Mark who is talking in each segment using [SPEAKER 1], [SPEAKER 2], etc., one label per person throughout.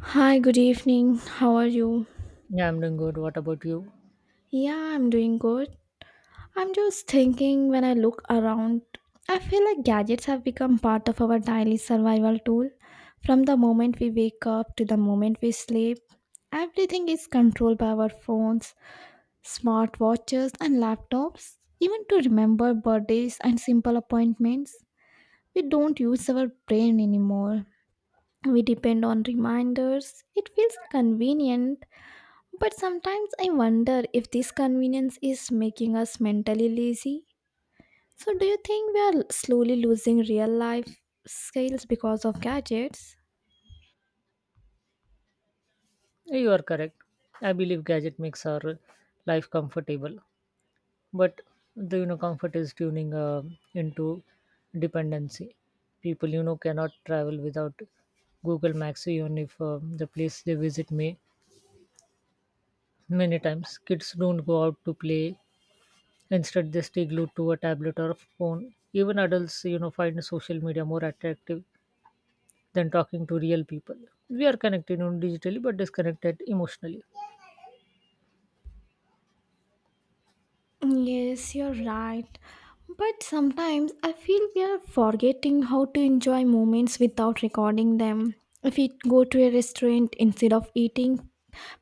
[SPEAKER 1] Hi, good evening. How are you?
[SPEAKER 2] Yeah, I'm doing good. What about you?
[SPEAKER 1] Yeah, I'm doing good. I'm just thinking when I look around, I feel like gadgets have become part of our daily survival tool. From the moment we wake up to the moment we sleep, everything is controlled by our phones, smartwatches, and laptops. Even to remember birthdays and simple appointments, we don't use our brain anymore. We depend on reminders. It feels convenient But sometimes I wonder if this convenience is making us mentally lazy. So, do you think we are slowly losing real life skills because of gadgets?
[SPEAKER 2] Yeah, you are correct. I believe gadget makes our life comfortable, but the comfort is tuning into dependency. People cannot travel without Google Maps, even if the place they visit may many times. Kids don't go out to play; instead, they stay glued to a tablet or a phone. Even adults, you know, find social media more attractive than talking to real people. We are connected, digitally, but disconnected emotionally.
[SPEAKER 1] Yes, you're right. But sometimes I feel we are forgetting how to enjoy moments without recording them. If we go to a restaurant instead of eating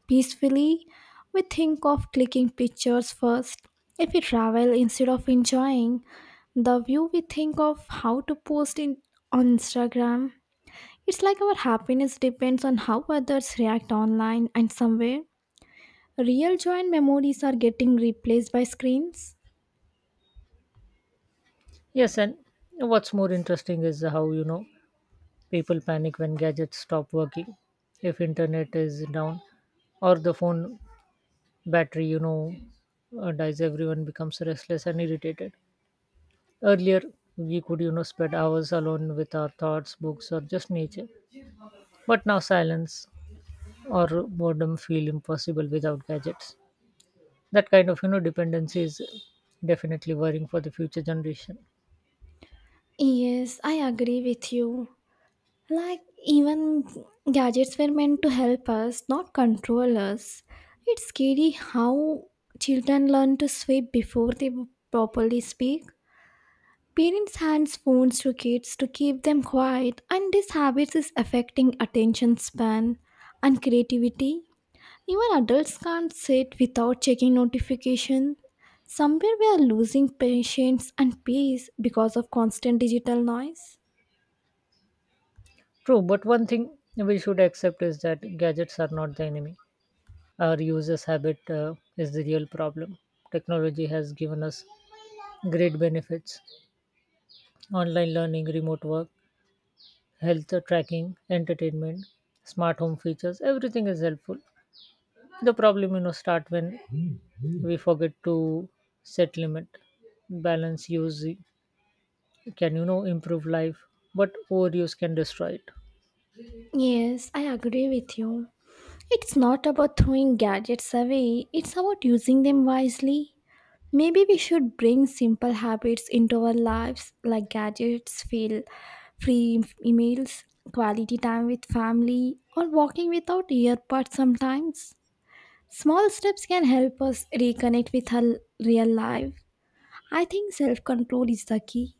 [SPEAKER 1] peacefully, we think of clicking pictures first. If we travel instead of enjoying the view, we think of how to post in on Instagram. It's like our happiness depends on how others react online and somewhere. Real joy and memories are getting replaced by screens.
[SPEAKER 2] Yes, and what's more interesting is how people panic when gadgets stop working, if internet is down, or the phone battery dies. Everyone becomes restless and irritated. Earlier, we could spend hours alone with our thoughts, books, or just nature, but now silence or boredom feel impossible without gadgets. That kind of dependency is definitely worrying for the future generation.
[SPEAKER 1] Yes, I agree with you. Like, even gadgets were meant to help us, not control us. It's scary how children learn to sweep before they properly speak. Parents hand phones to kids to keep them quiet, and this habit is affecting attention span and creativity. Even adults can't sit without checking notification. Somewhere we are losing patience and peace because of constant digital noise.
[SPEAKER 2] True, but one thing we should accept is that gadgets are not the enemy. Our users' habit is the real problem. Technology has given us great benefits, online learning, remote work, health tracking, entertainment, smart home features, everything is helpful. The problem, you know, start when we forget to set limit, balance use can, you know, improve life, but overuse can destroy it.
[SPEAKER 1] Yes, I agree with you. It's not about throwing gadgets away, it's about using them wisely. Maybe we should bring simple habits into our lives like gadgets, feel free emails, quality time with family, or walking without earbuds sometimes. Small steps can help us reconnect with our real life. I think self control is the key.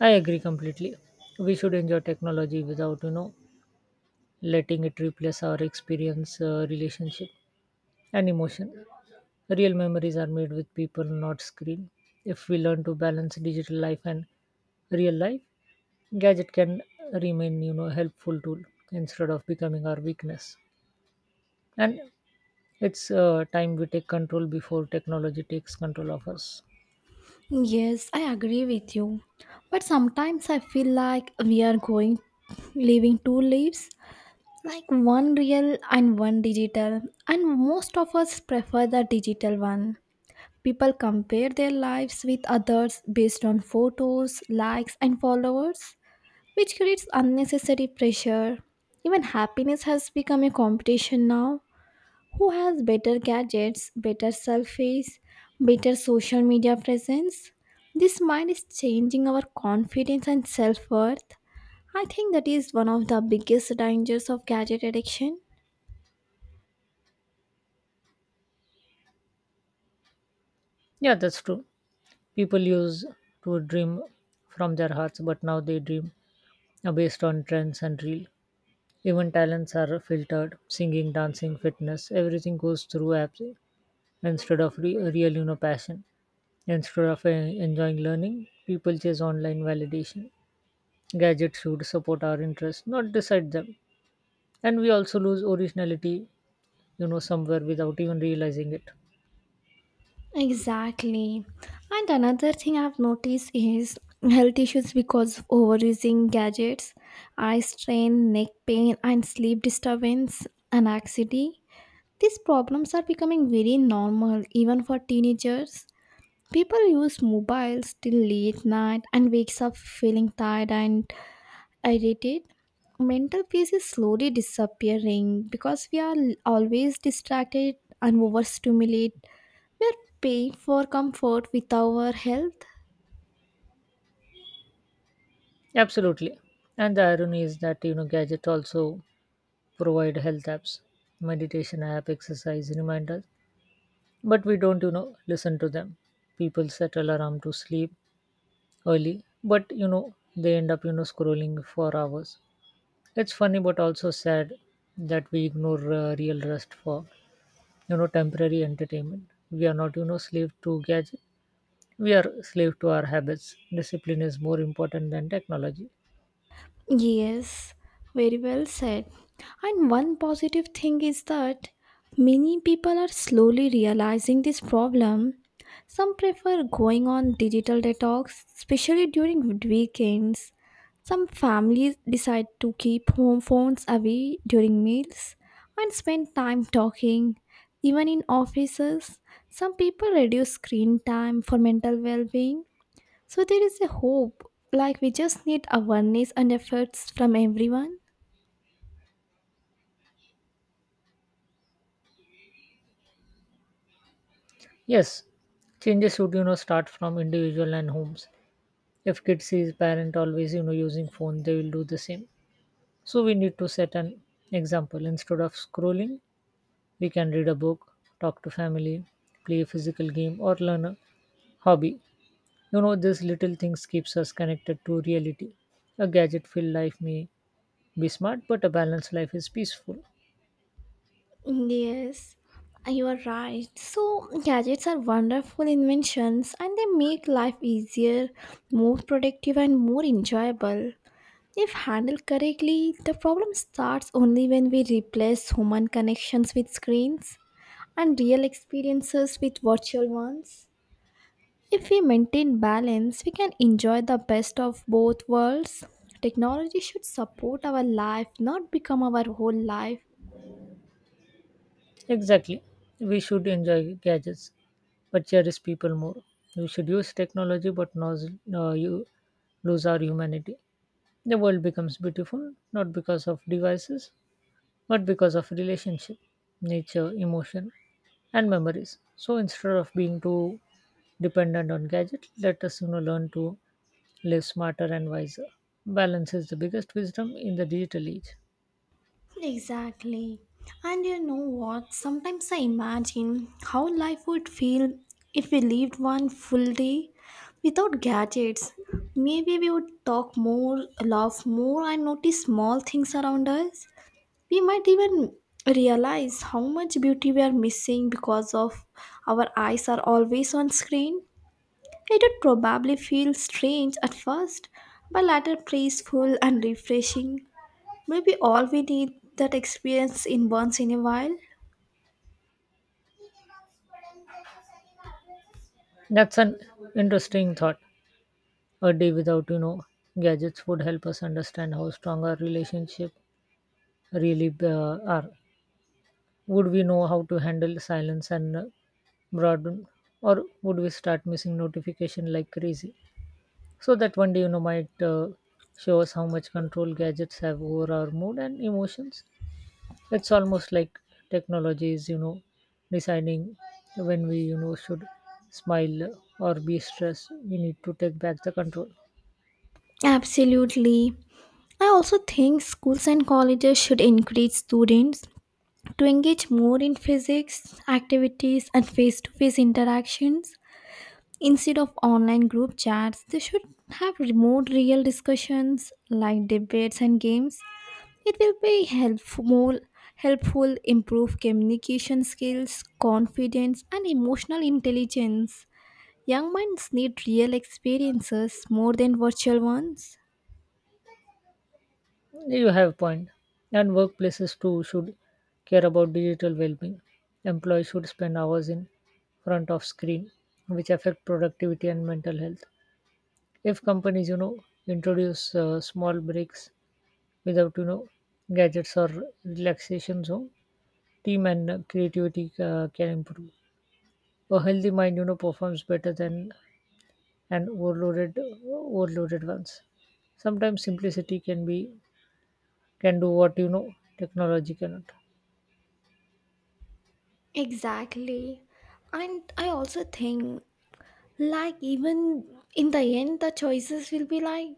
[SPEAKER 2] I agree completely. We should enjoy technology without, you know, letting it replace our experience, relationship, and emotion. Real memories are made with people, not screen. If we learn to balance digital life and real life, gadget can remain, you know, helpful tool instead of becoming our weakness. And it's time we take control before technology takes control of us.
[SPEAKER 1] Yes, I agree with you. But sometimes I feel like we are going living two lives like one real and one digital and most of us prefer the digital one people compare their lives with others based on photos likes and followers which creates unnecessary pressure even happiness has become a competition now who has better gadgets better selfies better social media presence this mind is changing our confidence and self-worth I think that is one of the biggest dangers of gadget addiction
[SPEAKER 2] Yeah, that's true. People used to dream from their hearts, but now they dream based on trends and real. Even talents are filtered, singing, dancing, fitness, everything goes through apps instead of real, you know, passion. Instead of enjoying learning, people chase online validation. Gadgets should support our interests, not decide them. And we also lose originality, you know, somewhere without even realizing it.
[SPEAKER 1] Exactly. And another thing I've noticed is health issues because of overusing gadgets, eye strain, neck pain, and sleep disturbance, anxiety. These problems are becoming very normal even for teenagers. People use mobiles till late night and wakes up feeling tired and irritated. Mental peace is slowly disappearing because we are always distracted and overstimulated we're paying for comfort with our health.
[SPEAKER 2] Absolutely. And the irony is that, you know, gadgets also provide health apps, meditation app, exercise reminders, but we don't, you know, listen to them. People set alarm to sleep early, but you know they end up scrolling for hours. It's funny but also sad that we ignore real rest for temporary entertainment. We are not slave to gadget, we are slave to our habits. Discipline is more important than technology.
[SPEAKER 1] Yes, very well said. And one positive thing is that many people are slowly realizing this problem. Some prefer going on digital detox, especially during weekends. Some families decide to keep home phones away during meals and spend time talking. Even in offices, some people reduce screen time for mental well being So there is a hope, like we just need awareness and efforts from everyone.
[SPEAKER 2] Yes, changes should start from individual and homes. If kids sees parent always using phone, they will do the same. So we need to set an example. Instead of scrolling, we can read a book, talk to family, play a physical game or learn a hobby. You know, these little things keeps us connected to reality. A gadget-filled life may be smart, but a balanced life is peaceful.
[SPEAKER 1] Yes, you are right. So, gadgets are wonderful inventions and they make life easier, more productive, and more enjoyable. If handled correctly, the problem starts only when we replace human connections with screens and real experiences with virtual ones. If we maintain balance, we can enjoy the best of both worlds. Technology should support our life, not become our whole life.
[SPEAKER 2] Exactly. We should enjoy gadgets, but cherish people more. We should use technology, but not you lose our humanity. The world becomes beautiful not because of devices, but because of relationship, nature, emotion, and memories. So instead of being too dependent on gadget, let us learn to live smarter and wiser. Balance is the biggest wisdom in the digital age.
[SPEAKER 1] Exactly. And you know what? Sometimes I imagine how life would feel if we lived one full day without gadgets. Maybe we would talk more, laugh more, and notice small things around us. We might even realize how much beauty we are missing because of our eyes are always on screen. It would probably feel strange at first, but later peaceful and refreshing. Maybe all we need that experience in once in a while.
[SPEAKER 2] That's an interesting thought. A day without gadgets would help us understand how strong our relationship really are. Would we know how to handle silence and broadband, or would we start missing notification like crazy? So that one day, you know, might show us how much control gadgets have over our mood and emotions. It's almost like technology is, you know, deciding when we, you know, should smile or be stressed. We need to take back the control.
[SPEAKER 1] Absolutely. I also think schools and colleges should encourage students to engage more in physics, activities, and face to face interactions. Instead of online group chats, they should have remote real discussions like debates and games. It will be helpful, more helpful improve communication skills, confidence, and emotional intelligence. Young minds need real experiences more than virtual ones.
[SPEAKER 2] You have a point. And workplaces too should care about digital well-being. Employees should spend hours in front of screen, which affect productivity and mental health. If companies, you know, introduce small breaks without gadgets or relaxation zone, team and creativity can improve. A healthy mind performs better than an overloaded ones. Sometimes simplicity can be can do what technology cannot.
[SPEAKER 1] Exactly. And I also think, like, even in the end, the choices will be like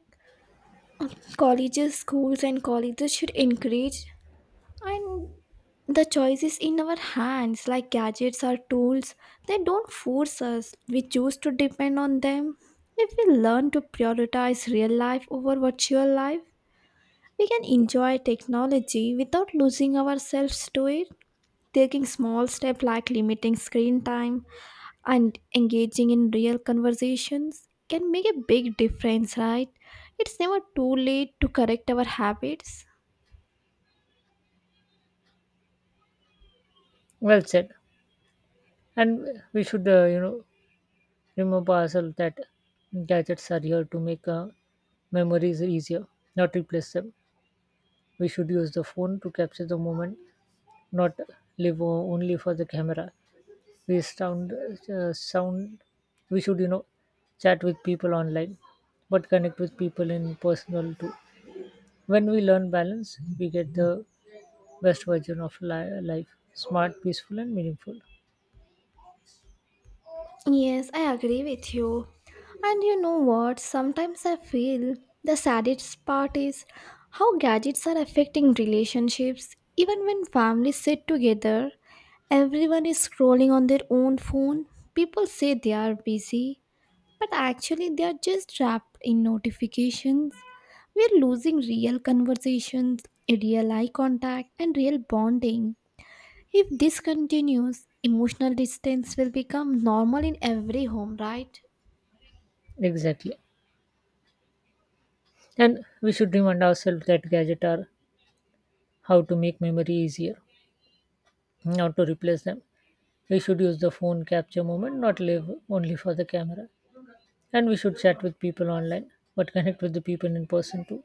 [SPEAKER 1] colleges, schools, and colleges should encourage And the choice is in our hands, like gadgets or tools. They don't force us, we choose to depend on them. If we learn to prioritize real life over virtual life, we can enjoy technology without losing ourselves to it. Taking small steps like limiting screen time and engaging in real conversations can make a big difference, right? It's never too late to correct our habits.
[SPEAKER 2] Well said. And we should remember ourselves that gadgets are here to make memories easier, not replace them. We should use the phone to capture the moment, not live only for the camera. We sound we should chat with people online, but connect with people in personal too. When we learn balance we get the best version of life, smart, peaceful and meaningful.
[SPEAKER 1] Yes, I agree with you. And you know what? Sometimes I feel the saddest part is how gadgets are affecting relationships. Even when families sit together, everyone is scrolling on their own phone. People say they are busy, but actually they are just trapped in notifications. We're losing real conversations, real eye contact, and real bonding. If this continues, emotional distance will become normal in every home, right?
[SPEAKER 2] Exactly. And we should remind ourselves that gadgets are how to make memory easier, not to replace them. We should use the phone capture moment, not live only for the camera. And we should chat with people online, but connect with the people in person too.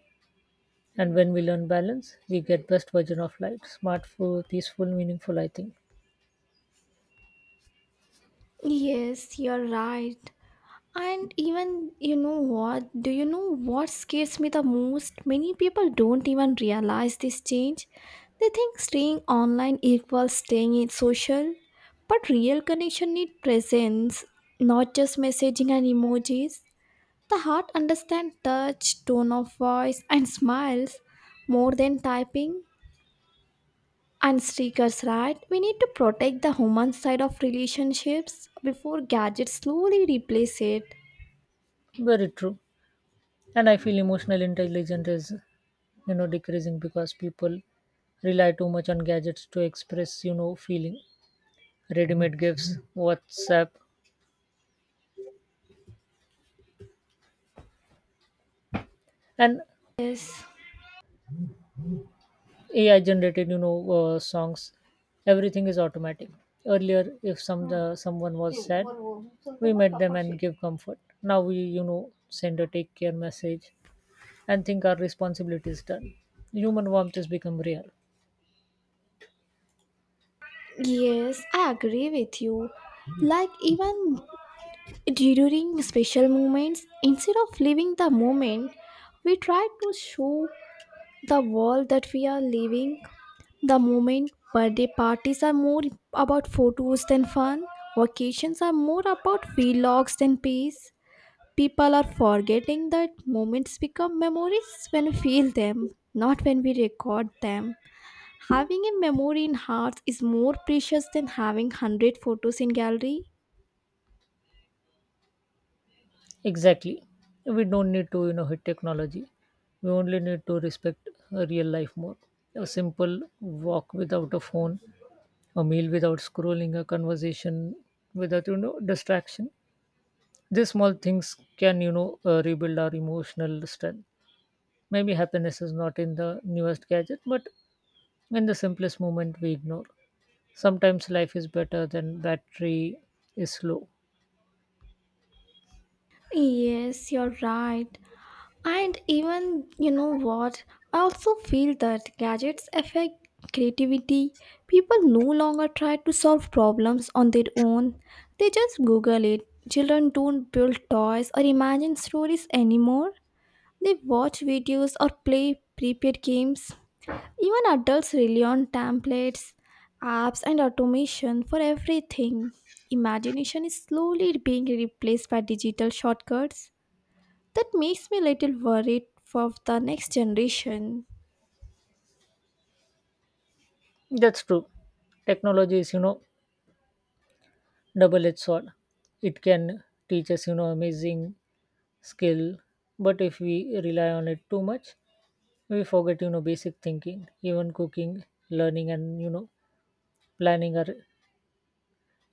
[SPEAKER 2] And when we learn balance, we get best version of life. Smart, full, peaceful, meaningful, I think.
[SPEAKER 1] Yes, you're right. And even, you know what? Do you know what scares me the most? Many people don't even realize this change. They think staying online equals staying in social. But real connection need presence, not just messaging and emojis. The heart understands touch, tone of voice, and smiles more than typing. And stickers, right? We need to protect the human side of relationships before gadgets slowly replace it.
[SPEAKER 2] Very true. And I feel emotional intelligence is, you know, decreasing because people rely too much on gadgets to express, you know, feeling. Ready-made gifts, WhatsApp, and
[SPEAKER 1] Yes,
[SPEAKER 2] AI-generated, songs. Everything is automatic. Earlier, if someone was sad, we met them and give comfort. Now we, you know, send a take care message and think our responsibility is done. Human warmth has become rare.
[SPEAKER 1] yes, I agree with you. Like, even during special moments, instead of living the moment, we try to show the world that we are living the moment. Birthday parties are more about photos than fun, vacations are more about vlogs than peace. People are forgetting that moments become memories when we feel them, not when we record them. Having a memory in hearts is more precious than having 100 photos in gallery.
[SPEAKER 2] Exactly. We don't need to, you know, hit technology. We only need to respect real life more. A simple walk without a phone, a meal without scrolling, a conversation without, you know, distraction. These small things can, rebuild our emotional strength. Maybe happiness is not in the newest gadget, but in the simplest moment we ignore. Sometimes life is better than battery is slow.
[SPEAKER 1] Yes, you're right. And even, you know what? I also feel that gadgets affect creativity. People no longer try to solve problems on their own, they just Google it. Children don't build toys or imagine stories anymore. They watch videos or play prepared games. Even adults rely on templates, apps, and automation for everything. Imagination is slowly being replaced by digital shortcuts. That makes me a little worried for the next generation.
[SPEAKER 2] That's true. Technology is, you know, double-edged sword. It can teach us, you know, amazing skill, but if we rely on it too much, we forget, you know, basic thinking. Even cooking, learning, and you know, planning are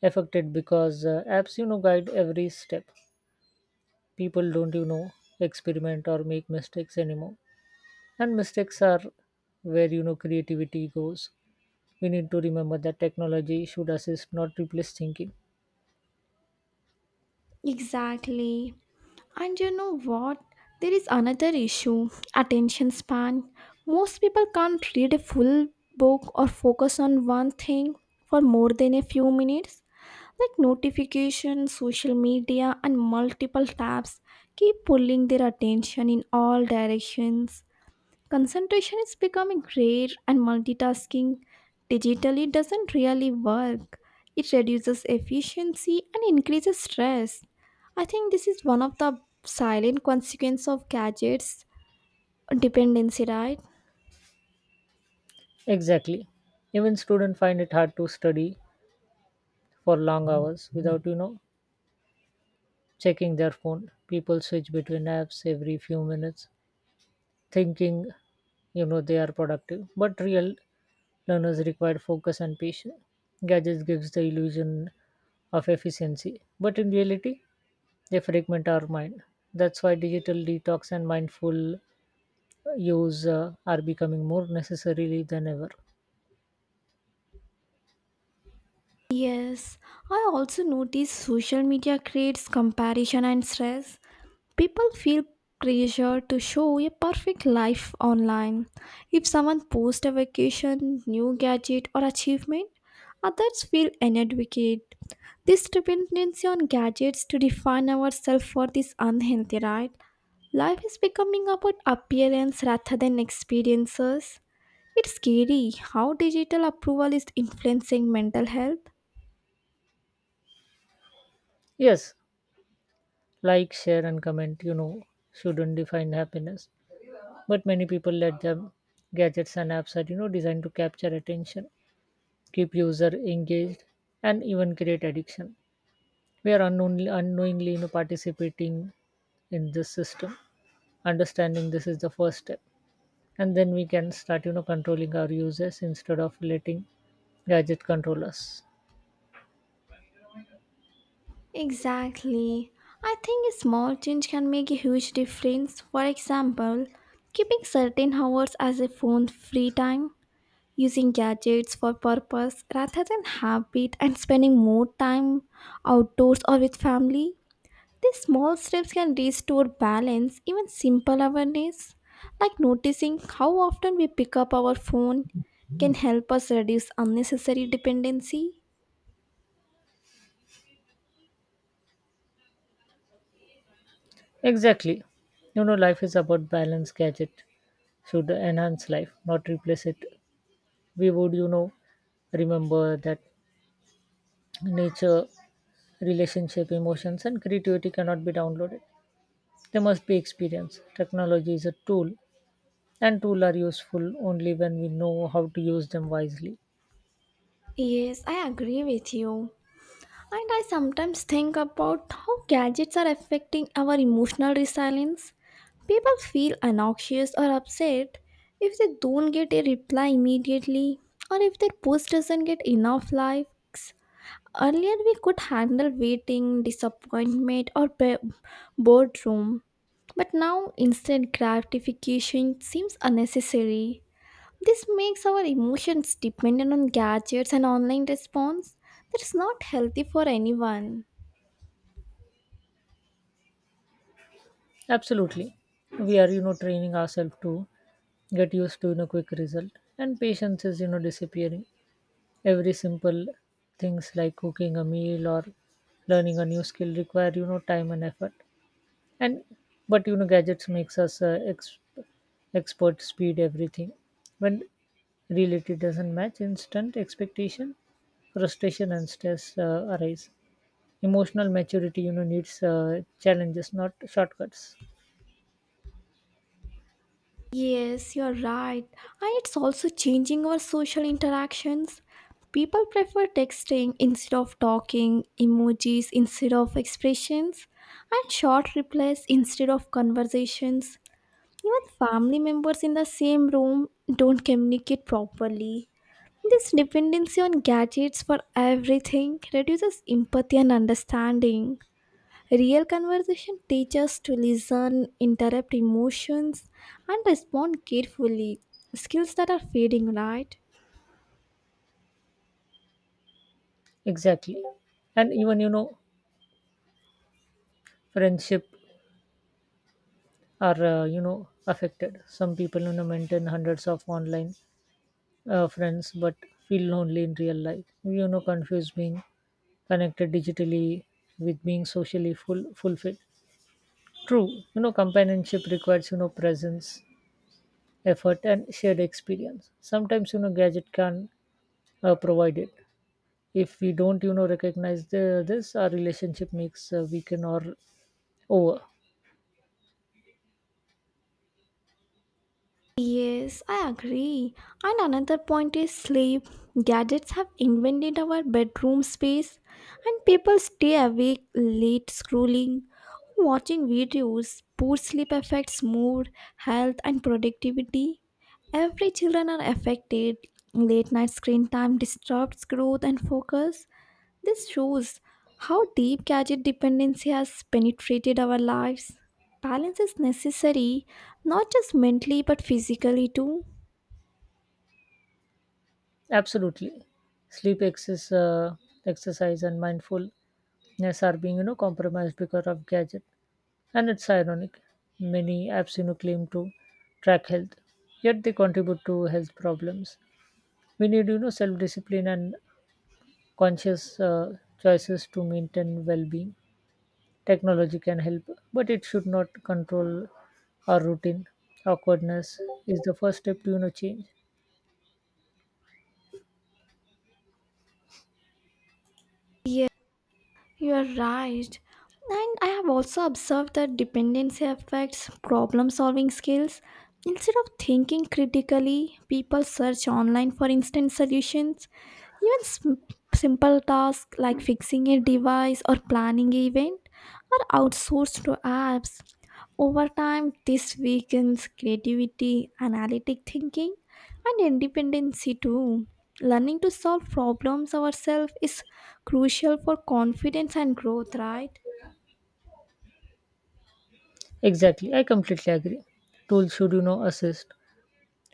[SPEAKER 2] affected because apps, you know, guide every step. People don't, you know, experiment or make mistakes anymore, and mistakes are where creativity goes. We need to remember that technology should assist, not replace thinking.
[SPEAKER 1] Exactly. And you know what? There is another issue attention span. Most people can't read a full book or focus on one thing for more than a few minutes. Like notifications, social media, and multiple tabs keep pulling their attention in all directions. Concentration is becoming rare, and multitasking digitally doesn't really work. It reduces efficiency and increases stress. I think this is one of the silent consequences of gadgets dependency, right?
[SPEAKER 2] Exactly. Even students find it hard to study for long hours without, you know, checking their phone. People switch between apps every few minutes, thinking, you know, they are productive. But real learners require focus and patience. Gadgets gives the illusion of efficiency, but in reality, they fragment our mind. That's why digital detox and mindful use are becoming more necessary than ever.
[SPEAKER 1] Yes, I also notice social media creates comparison and stress. People feel pressure to show a perfect life online. If someone posts a vacation, new gadget, or achievement, others feel inadequate. This dependency on gadgets to define ourselves for this unhealthy, right? Life is becoming about appearance rather than experiences. It's scary how digital approval is influencing mental health.
[SPEAKER 2] Yes, like, share, and comment, you know, shouldn't define happiness. But many people let them gadgets and apps are, you know, designed to capture attention, keep user engaged, and even create addiction. We are unknowingly, participating in this system. Understanding this is the first step, and then we can start controlling our users instead of letting gadget control us.
[SPEAKER 1] Exactly. I think a small change can make a huge difference. For example, keeping certain hours as a phone free time, using gadgets for purpose rather than habit, and spending more time outdoors or with family. These small steps can restore balance, even simple awareness, like noticing how often we pick up our phone, can help us reduce unnecessary dependency.
[SPEAKER 2] Exactly. You know life is about balance. Gadget should enhance life, not replace it. We would, you know, remember that nature, relationship, emotions, and creativity cannot be downloaded. They must be experienced. Technology is a tool, and tools are useful only when we know how to use them wisely.
[SPEAKER 1] Yes, I agree with you. And I sometimes think about how gadgets are affecting our emotional resilience. People feel anxious or upset if they don't get a reply immediately or if their post doesn't get enough likes. Earlier, we could handle waiting, disappointment, or boredom, but now instant gratification seems unnecessary. This makes our emotions dependent on gadgets and online response. That's not healthy for anyone.
[SPEAKER 2] Absolutely. We are, you know, training ourselves to get used to, you know, quick result. And patience is, you know, disappearing. Every simple things like cooking a meal or learning a new skill require, you know, time and effort, and but you know gadgets makes us expert speed everything. When reality doesn't match instant expectation, frustration and stress arise. Emotional maturity needs challenges, not shortcuts.
[SPEAKER 1] Yes, you're right. And it's also changing our social interactions. People prefer texting instead of talking, emojis instead of expressions, and short replies instead of conversations. Even family members in the same room don't communicate properly. This dependency on gadgets for everything reduces empathy and understanding. Real conversation teaches to listen, interrupt emotions, and respond carefully. Skills that are fading, right?
[SPEAKER 2] Exactly. And even friendship are, affected. Some people maintain hundreds of online friends but feel lonely in real life. You know, confused being connected digitally with being socially fulfilled. True, you know, companionship requires, you know, presence, effort, and shared experience. Sometimes, you know, gadget can provide it. If we don't, you know, recognize our relationship makes weaken or over.
[SPEAKER 1] Yes, I agree. And another point is sleep. Gadgets have invaded our bedroom space, and people stay awake late scrolling, watching videos. Poor sleep affects mood, health, and productivity. Every children are affected. Late night screen time disturbs growth and focus. This shows how deep gadget dependency has penetrated our lives. Balance is necessary, not just mentally but physically too.
[SPEAKER 2] Absolutely. Sleep, exercise, and mindfulness are being, you know, compromised because of gadget. And it's ironic. Many apps you know, claim to track health, yet they contribute to health problems. We need, you know, self discipline and conscious choices to maintain well being. Technology can help, but it should not control our routine. Awkwardness is the first step to, you know, change.
[SPEAKER 1] Yeah, you are right. And I have also observed that dependency affects problem solving skills. Instead of thinking critically, people search online for instant solutions. Even simple tasks like fixing a device or planning an event are outsourced to apps Over time, this weakens creativity, analytic thinking, and independency too. Learning to solve problems ourselves is crucial for confidence and growth, right?
[SPEAKER 2] Exactly, I completely agree. Tools should, assist,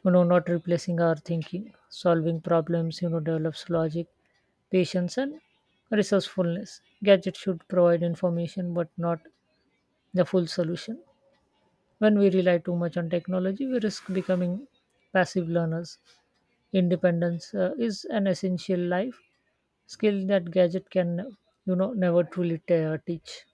[SPEAKER 2] you know, not replacing our thinking. Solving problems develops logic, patience and resourcefulness. Gadgets should provide information but not the full solution. When we rely too much on technology, we risk becoming passive learners. Independence is an essential life skill that gadget can never truly teach.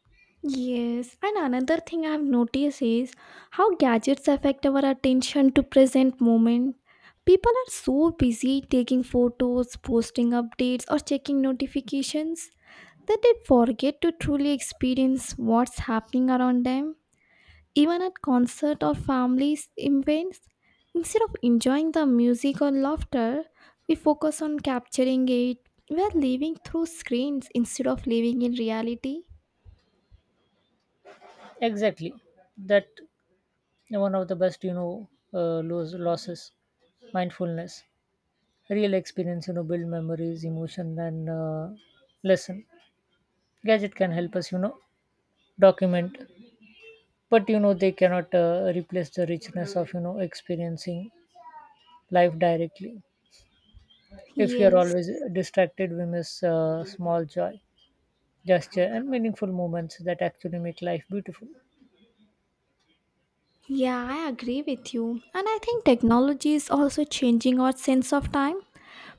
[SPEAKER 1] Yes, and another thing I've noticed is how gadgets affect our attention to present moment. People are so busy taking photos, posting updates, or checking notifications that they forget to truly experience what's happening around them. Even at concert or family events, instead of enjoying the music or laughter, we focus on capturing it. We are living through screens instead of living in reality.
[SPEAKER 2] Exactly. That one of the best losses mindfulness. Real experience build memories, emotion and lesson. Gadget can help us document, but you know they cannot replace the richness of experiencing life directly. If we are
[SPEAKER 1] Yes.
[SPEAKER 2] always distracted, we miss small joy, gesture and meaningful moments that actually make life beautiful.
[SPEAKER 1] Yeah, I agree with you. And I think technology is also changing our sense of time.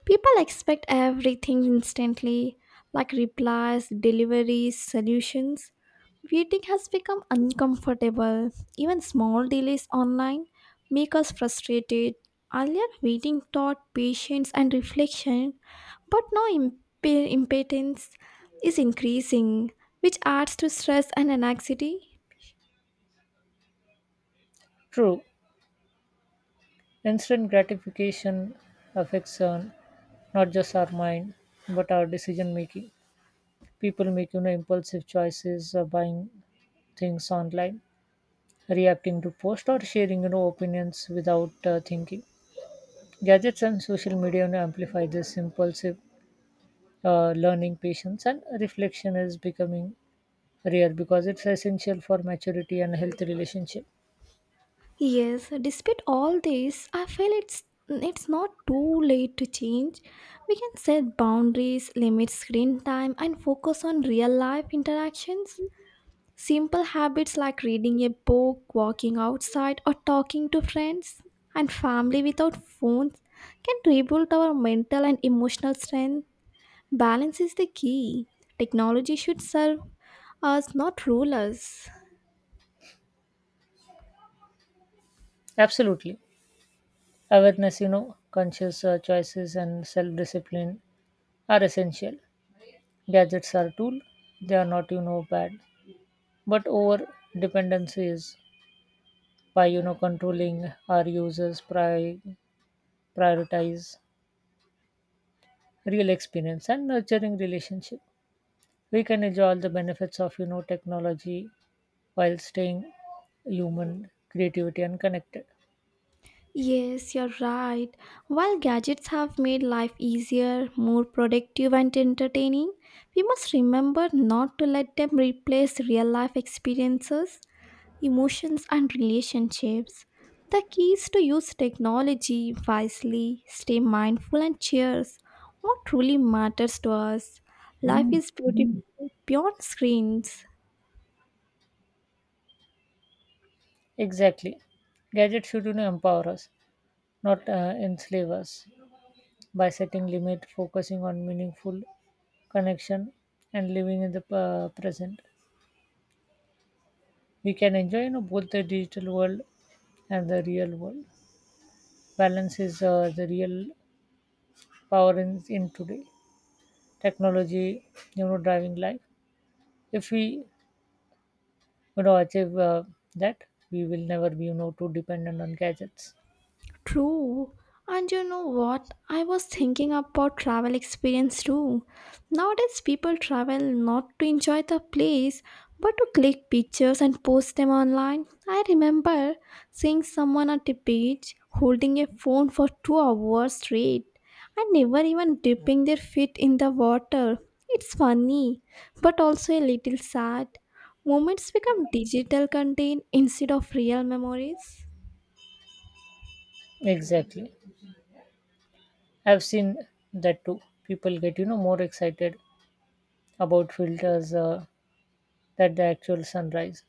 [SPEAKER 1] People expect everything instantly, like replies, deliveries, solutions. Waiting has become uncomfortable. Even small delays online make us frustrated. Earlier, waiting taught patience and reflection, but now impatience is increasing, which adds to stress and anxiety.
[SPEAKER 2] True, instant gratification affects not just our mind, but our decision making. People make, you know, impulsive choices, buying things online, reacting to posts or sharing, you know, opinions without thinking. Gadgets and social media, you know, amplify this impulsive learning. Patience and reflection is becoming rare because it's essential for maturity and healthy relationship.
[SPEAKER 1] Yes, despite all this, I feel it's not too late to change. We can set boundaries, limit screen time, and focus on real life interactions. Simple habits like reading a book, walking outside, or talking to friends and family without phones can rebuild our mental and emotional strength. Balance is the key. Technology should serve us, not rule us.
[SPEAKER 2] Absolutely. Awareness, you know, conscious choices and self discipline are essential. Gadgets are tool, they are not bad, but over dependency is. By controlling our users, prioritize real experience and nurturing relationship, we can enjoy all the benefits of technology while staying human, creativity and connected.
[SPEAKER 1] Yes, you're right. While gadgets have made life easier, more productive, and entertaining, we must remember not to let them replace real life experiences. Emotions, and relationships. The key is to use technology wisely, stay mindful, and cheers what truly matters to us. Life is beautiful beyond screens.
[SPEAKER 2] Exactly. Gadgets should empower us, not enslave us. By setting limit, focusing on meaningful connection and living in the present, we can enjoy, you know, both the digital world and the real world. Balance is the real power in today technology, you know, driving life. If we, achieve that, we will never be, you know, too dependent on gadgets.
[SPEAKER 1] True. And you know what? I was thinking about travel experience too. Nowadays, people travel not to enjoy the place but to click pictures and post them online. I remember seeing someone at the beach holding a phone for 2 hours straight and never even dipping their feet in the water. It's funny, but also a little sad. Moments become digital content instead of real memories.
[SPEAKER 2] Exactly. I've seen that too. People get, you know, more excited about filters than the actual sunrise.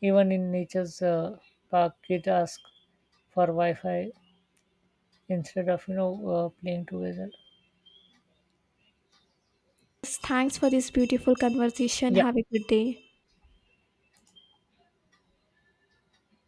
[SPEAKER 2] Even in nature's park, it asks for Wi Fi instead of, you know, playing together.
[SPEAKER 1] Thanks for this beautiful conversation.
[SPEAKER 2] Yeah.
[SPEAKER 1] Have a good day.